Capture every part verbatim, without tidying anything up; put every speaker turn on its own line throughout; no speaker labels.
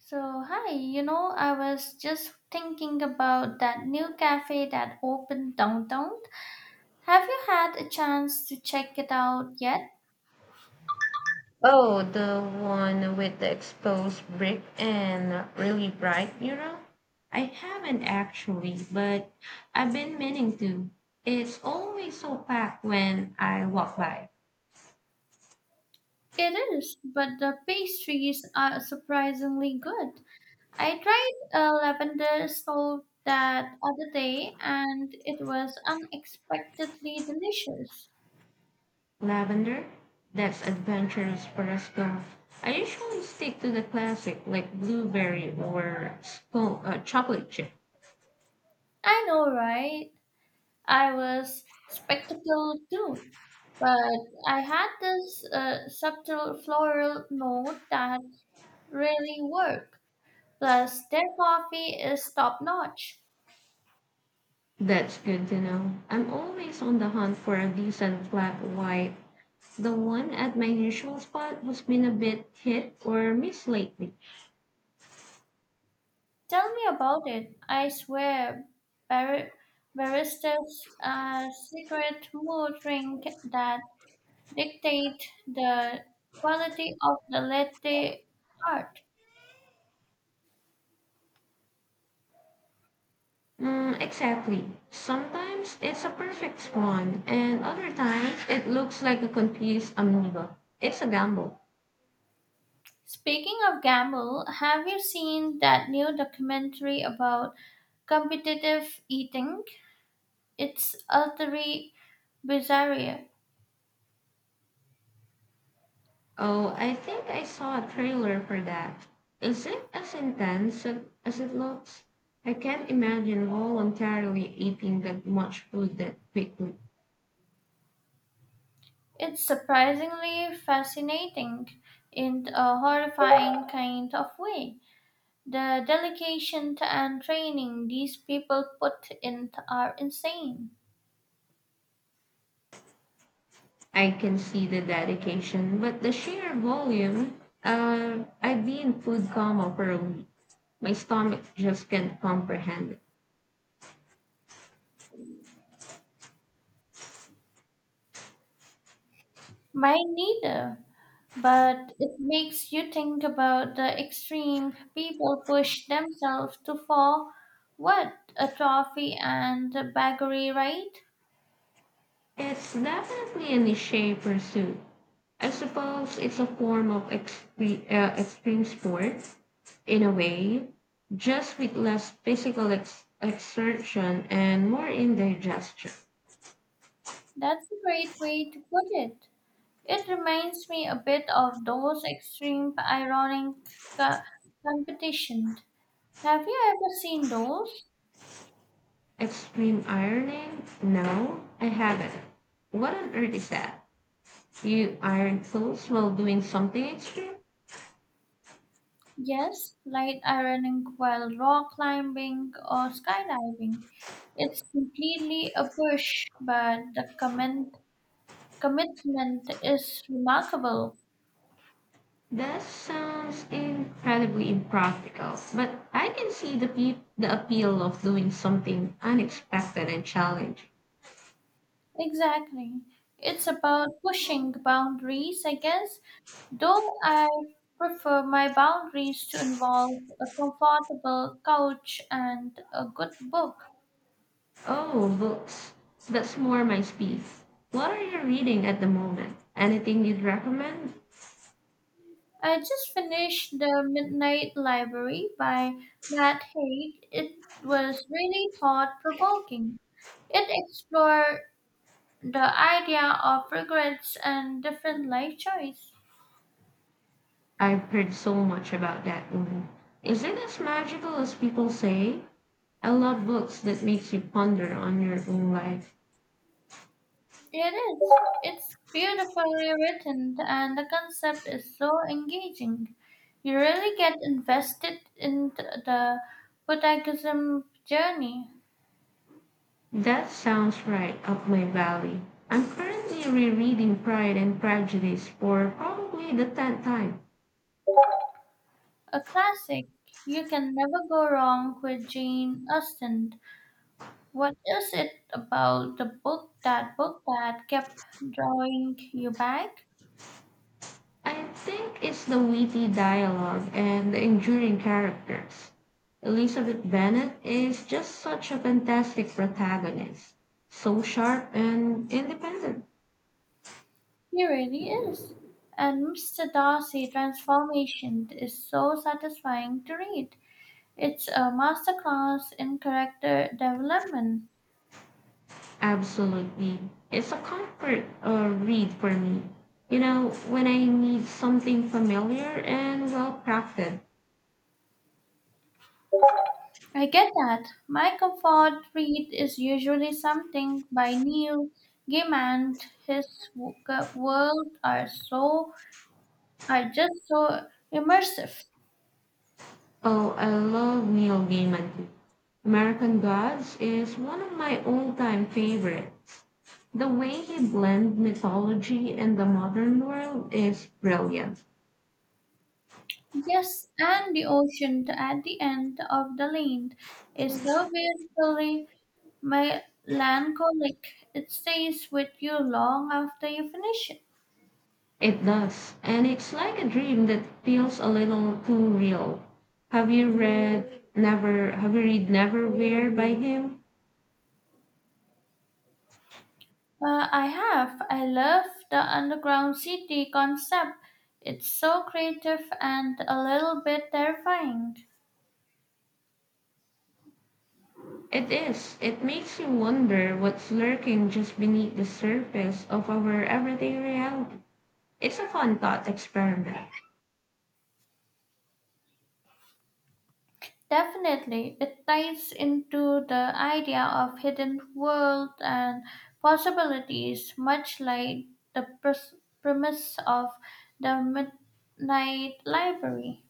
So, hi, you know, I was just thinking about that new cafe that opened downtown. Have you had a chance to check it out yet?
Oh, the one with the exposed brick and really bright mural? I haven't actually, but I've been meaning to. It's always so packed when I walk by.
It is, but the pastries are surprisingly good. I tried a lavender salt that other day and it was unexpectedly delicious.
Lavender? That's adventurous for us go. I usually stick to the classic like blueberry or spo- uh, chocolate chip.
I know, right? I was spectacled too, but I had this uh, subtle floral note that really worked. Plus, their coffee is top notch.
That's good to know. I'm always on the hunt for a decent flat white. The one at my usual spot has been a bit hit or miss lately.
Tell me about it. I swear, bar- baristas are secret mood ring that dictate the quality of the latte art.
Mm, exactly. Sometimes it's a perfect spawn, and other times it looks like a confused amoeba. It's a gamble.
Speaking of Gamble, have you seen that new documentary about competitive eating? It's utterly bizarre.
Oh, I think I saw a trailer for that. Is it as intense a- as it looks? I can't imagine voluntarily eating that much food that quickly.
It's surprisingly fascinating in a horrifying kind of way. The dedication and training these people put in are insane.
I can see the dedication, but the sheer volume. Uh, I've been food coma for a week. My stomach just can't comprehend it.
Mine neither, but it makes you think about the extreme people push themselves to for what? A trophy and a baguette, right?
It's definitely a niche pursuit. I suppose it's a form of extreme, uh, extreme sport in a way, just with less physical ex- exertion and more indigestion.
That's a great way to put it. It reminds me a bit of those extreme ironic co- competition. Have you ever seen those?
Extreme ironing? No, I haven't. What on earth is that? You aren't close while doing something extreme?
Yes, light ironing while rock climbing or skydiving. It's completely a push, but the comment, commitment is remarkable.
That sounds incredibly impractical, but I can see the, pe- the appeal of doing something unexpected and challenging.
Exactly. It's about pushing boundaries, I guess, though I prefer my boundaries to involve a comfortable couch and a good book.
Oh, books. That's more my speed. What are you reading at the moment? Anything you'd recommend?
I just finished The Midnight Library by Matt Haig. It was really thought provoking. It explored the idea of regrets and different life choices.
I've heard so much about that one. Is it as magical as people say? I love books that makes you ponder on your own life.
It is. It's beautifully written and the concept is so engaging. You really get invested in th- the protagonist's journey.
That sounds right up my valley. I'm currently rereading Pride and Prejudice for probably the tenth time.
A classic. You can never go wrong with Jane Austen. What is it about the book that book that kept drawing you back?
I think it's the witty dialogue and the enduring characters. Elizabeth Bennet is just such a fantastic protagonist, so sharp and independent.
He really is. And Mister Darcy transformation is so satisfying to read. It's a masterclass in character development.
Absolutely. It's a comfort uh, read for me. You know, when I need something familiar and well crafted.
I get that. My comfort read is usually something by Neil Gaiman. His w- World are so are just so immersive.
Oh, I love Neil Gaiman too. American Gods is one of my all-time favorites. The way he blends mythology and the modern world is brilliant.
Yes, and the ocean at the end of the lane is so beautifully melancholic. It stays with you long after you finish it.
It does, and it's like a dream that feels a little too real. Have you read Never? Have you read Neverwhere by him?
Uh, I have. I love the underground city concept. It's so creative and a little bit terrifying.
It is. It makes you wonder what's lurking just beneath the surface of our everyday reality. It's a fun thought experiment.
Definitely, it ties into the idea of hidden world and possibilities, much like the pres- premise of the Midnight Library.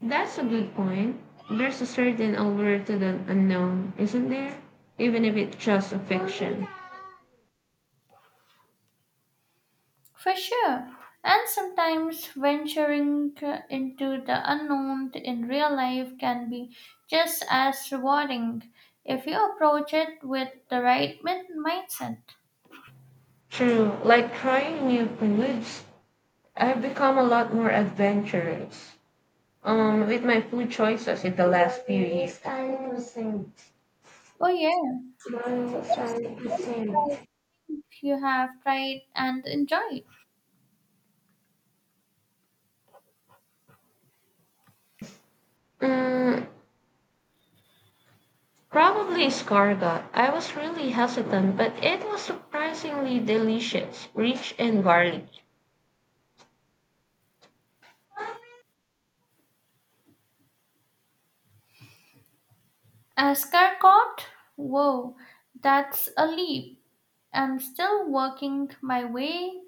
That's a good point. There's a certain allure to the unknown, isn't there? Even if it's just a fiction.
For sure. And sometimes venturing uh, into the unknown in real life can be just as rewarding if you approach it with the right min- mindset.
True, like trying new foods. I've become a lot more adventurous um, with my food choices in the last few years.
Oh, yeah. What's the most surprising you have tried and enjoyed?
Mm, probably escargot. I was really hesitant, but it was surprisingly delicious, rich and garlic.
Ascot? Whoa, that's a leap. I'm still working my way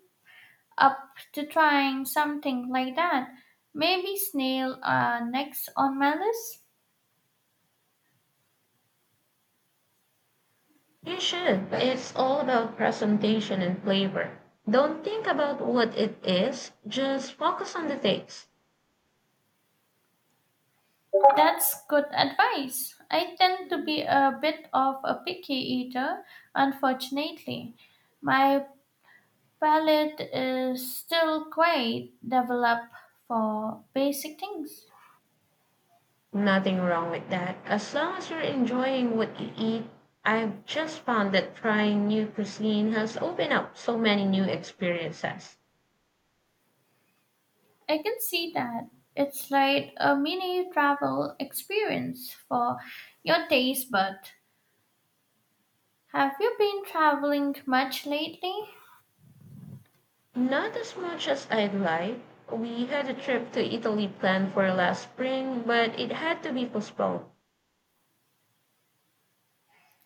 up to trying something like that. Maybe snail are next on my list.
You should. It's all about presentation and flavor. Don't think about what it is, just focus on the taste.
That's good advice. I tend to be a bit of a picky eater, unfortunately. My palate is still quite developed for basic things.
Nothing wrong with that. As long as you're enjoying what you eat, I've just found that trying new cuisine has opened up so many new experiences.
I can see that. It's like a mini travel experience for your taste bud. Have you been traveling much lately?
Not as much as I'd like. We had a trip to Italy planned for last spring, but it had to be postponed.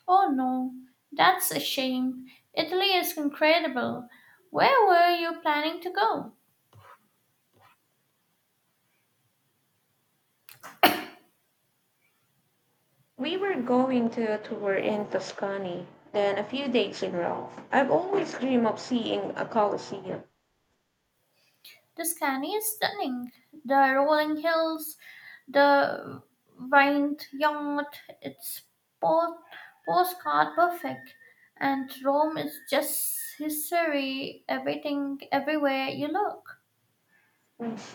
Oh no, that's a shame. Italy is incredible. Where were you planning to go?
We were going to a tour in Tuscany, then a few days in Rome. I've always dreamed of seeing a Colosseum.
The scenery is stunning. The rolling hills, the vineyard, it's po- postcard perfect. And Rome is just history, everything, everywhere you look.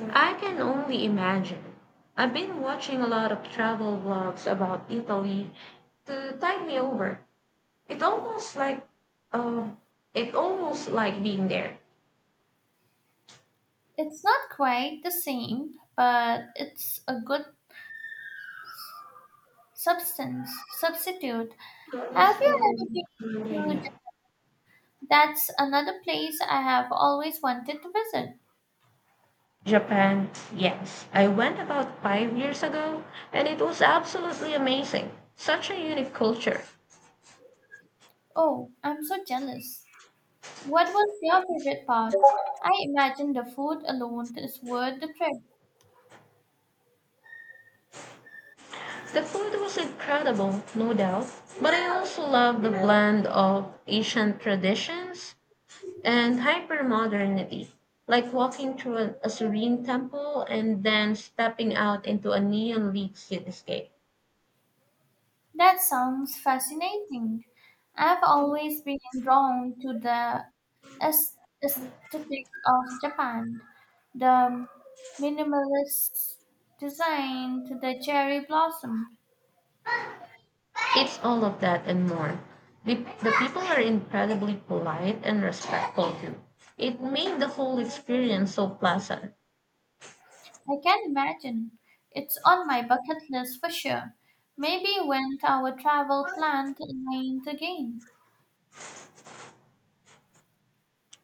I can only imagine. I've been watching a lot of travel vlogs about Italy to tide me over. It almost like um, it almost like being there.
It's not quite the same, but it's a good substance, substitute. Have you ever been to J- That's another place I have always wanted to visit.
Japan, yes. I went about five years ago, and it was absolutely amazing. Such a unique culture.
Oh, I'm so jealous. What was your favorite part? I imagine the food alone is worth the trip.
The food was incredible, no doubt, but I also love the blend of ancient traditions and hypermodernity, like walking through an Assyrian temple and then stepping out into a neon-lit cityscape.
That sounds fascinating. I've always been drawn to the aes- aesthetic of Japan, the minimalist design to the cherry blossom.
It's all of that and more. The, the people are incredibly polite and respectful too. It made the whole experience so pleasant.
I can imagine. It's on my bucket list for sure. Maybe when our travel plan aligned again.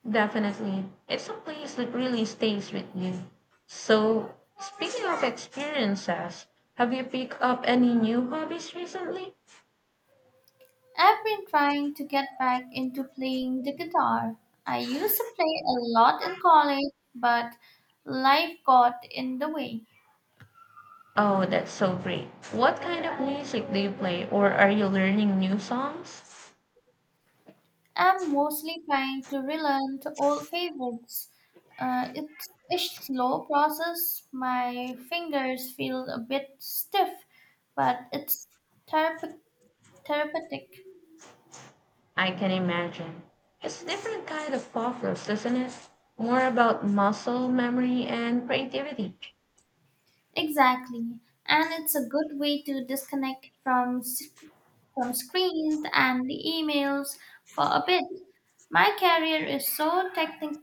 Definitely. It's a place that really stays with you. So, speaking of experiences, have you picked up any new hobbies recently?
I've been trying to get back into playing the guitar. I used to play a lot in college, but life got in the way.
Oh, that's so great. What kind of music do you play or are you learning new songs?
I'm mostly trying to relearn the old favorites. Uh, it's a slow process. My fingers feel a bit stiff, but it's therap- therapeutic.
I can imagine. It's different kind of focus, isn't it? More about muscle memory and creativity.
Exactly. And it's a good way to disconnect from s- from screens and the emails for a bit. My career is so techni-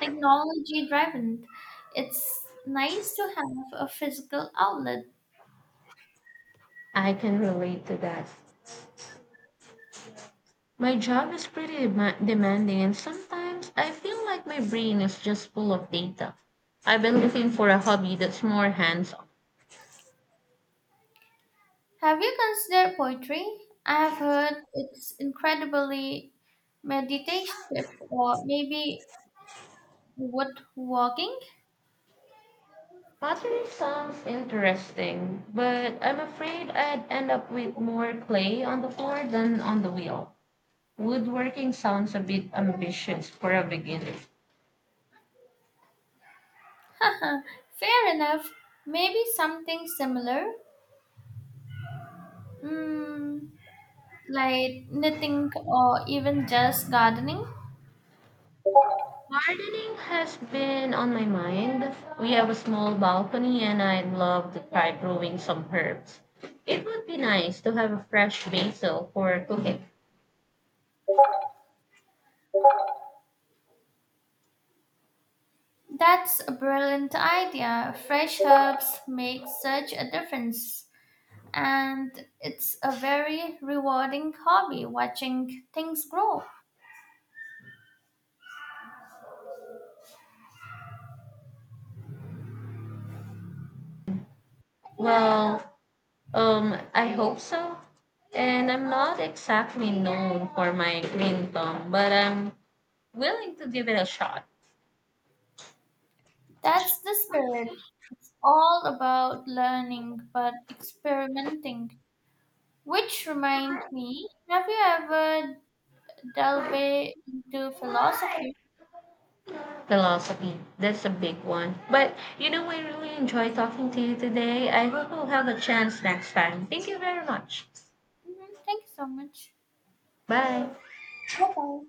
technology driven. It's nice to have a physical outlet.
I can relate to that. My job is pretty dema- demanding, and sometimes I feel like my brain is just full of data. I've been looking for a hobby that's more hands on.
Have you considered poetry? I have heard it's incredibly meditative, or maybe wood walking.
Pottery sounds interesting, but I'm afraid I'd end up with more clay on the floor than on the wheel. Woodworking sounds a bit ambitious for a beginner.
Fair enough. Maybe something similar, mm, like knitting or even just gardening.
Gardening has been on my mind. We have a small balcony and I'd love to try growing some herbs. It would be nice to have a fresh basil for cooking.
That's a brilliant idea. Fresh herbs make such a difference. And it's a very rewarding hobby watching things grow.
Well, um, I hope so. And I'm not exactly known for my green thumb, but I'm willing to give it a shot.
That's the spirit. It's all about learning but experimenting. Which reminds me, have you ever delved into philosophy?
Philosophy, that's a big one. But you know, I really enjoy talking to you today. I hope we'll have a chance next time. Thank you very much.
Mhm. Thank you so much.
Bye.
Bye bye.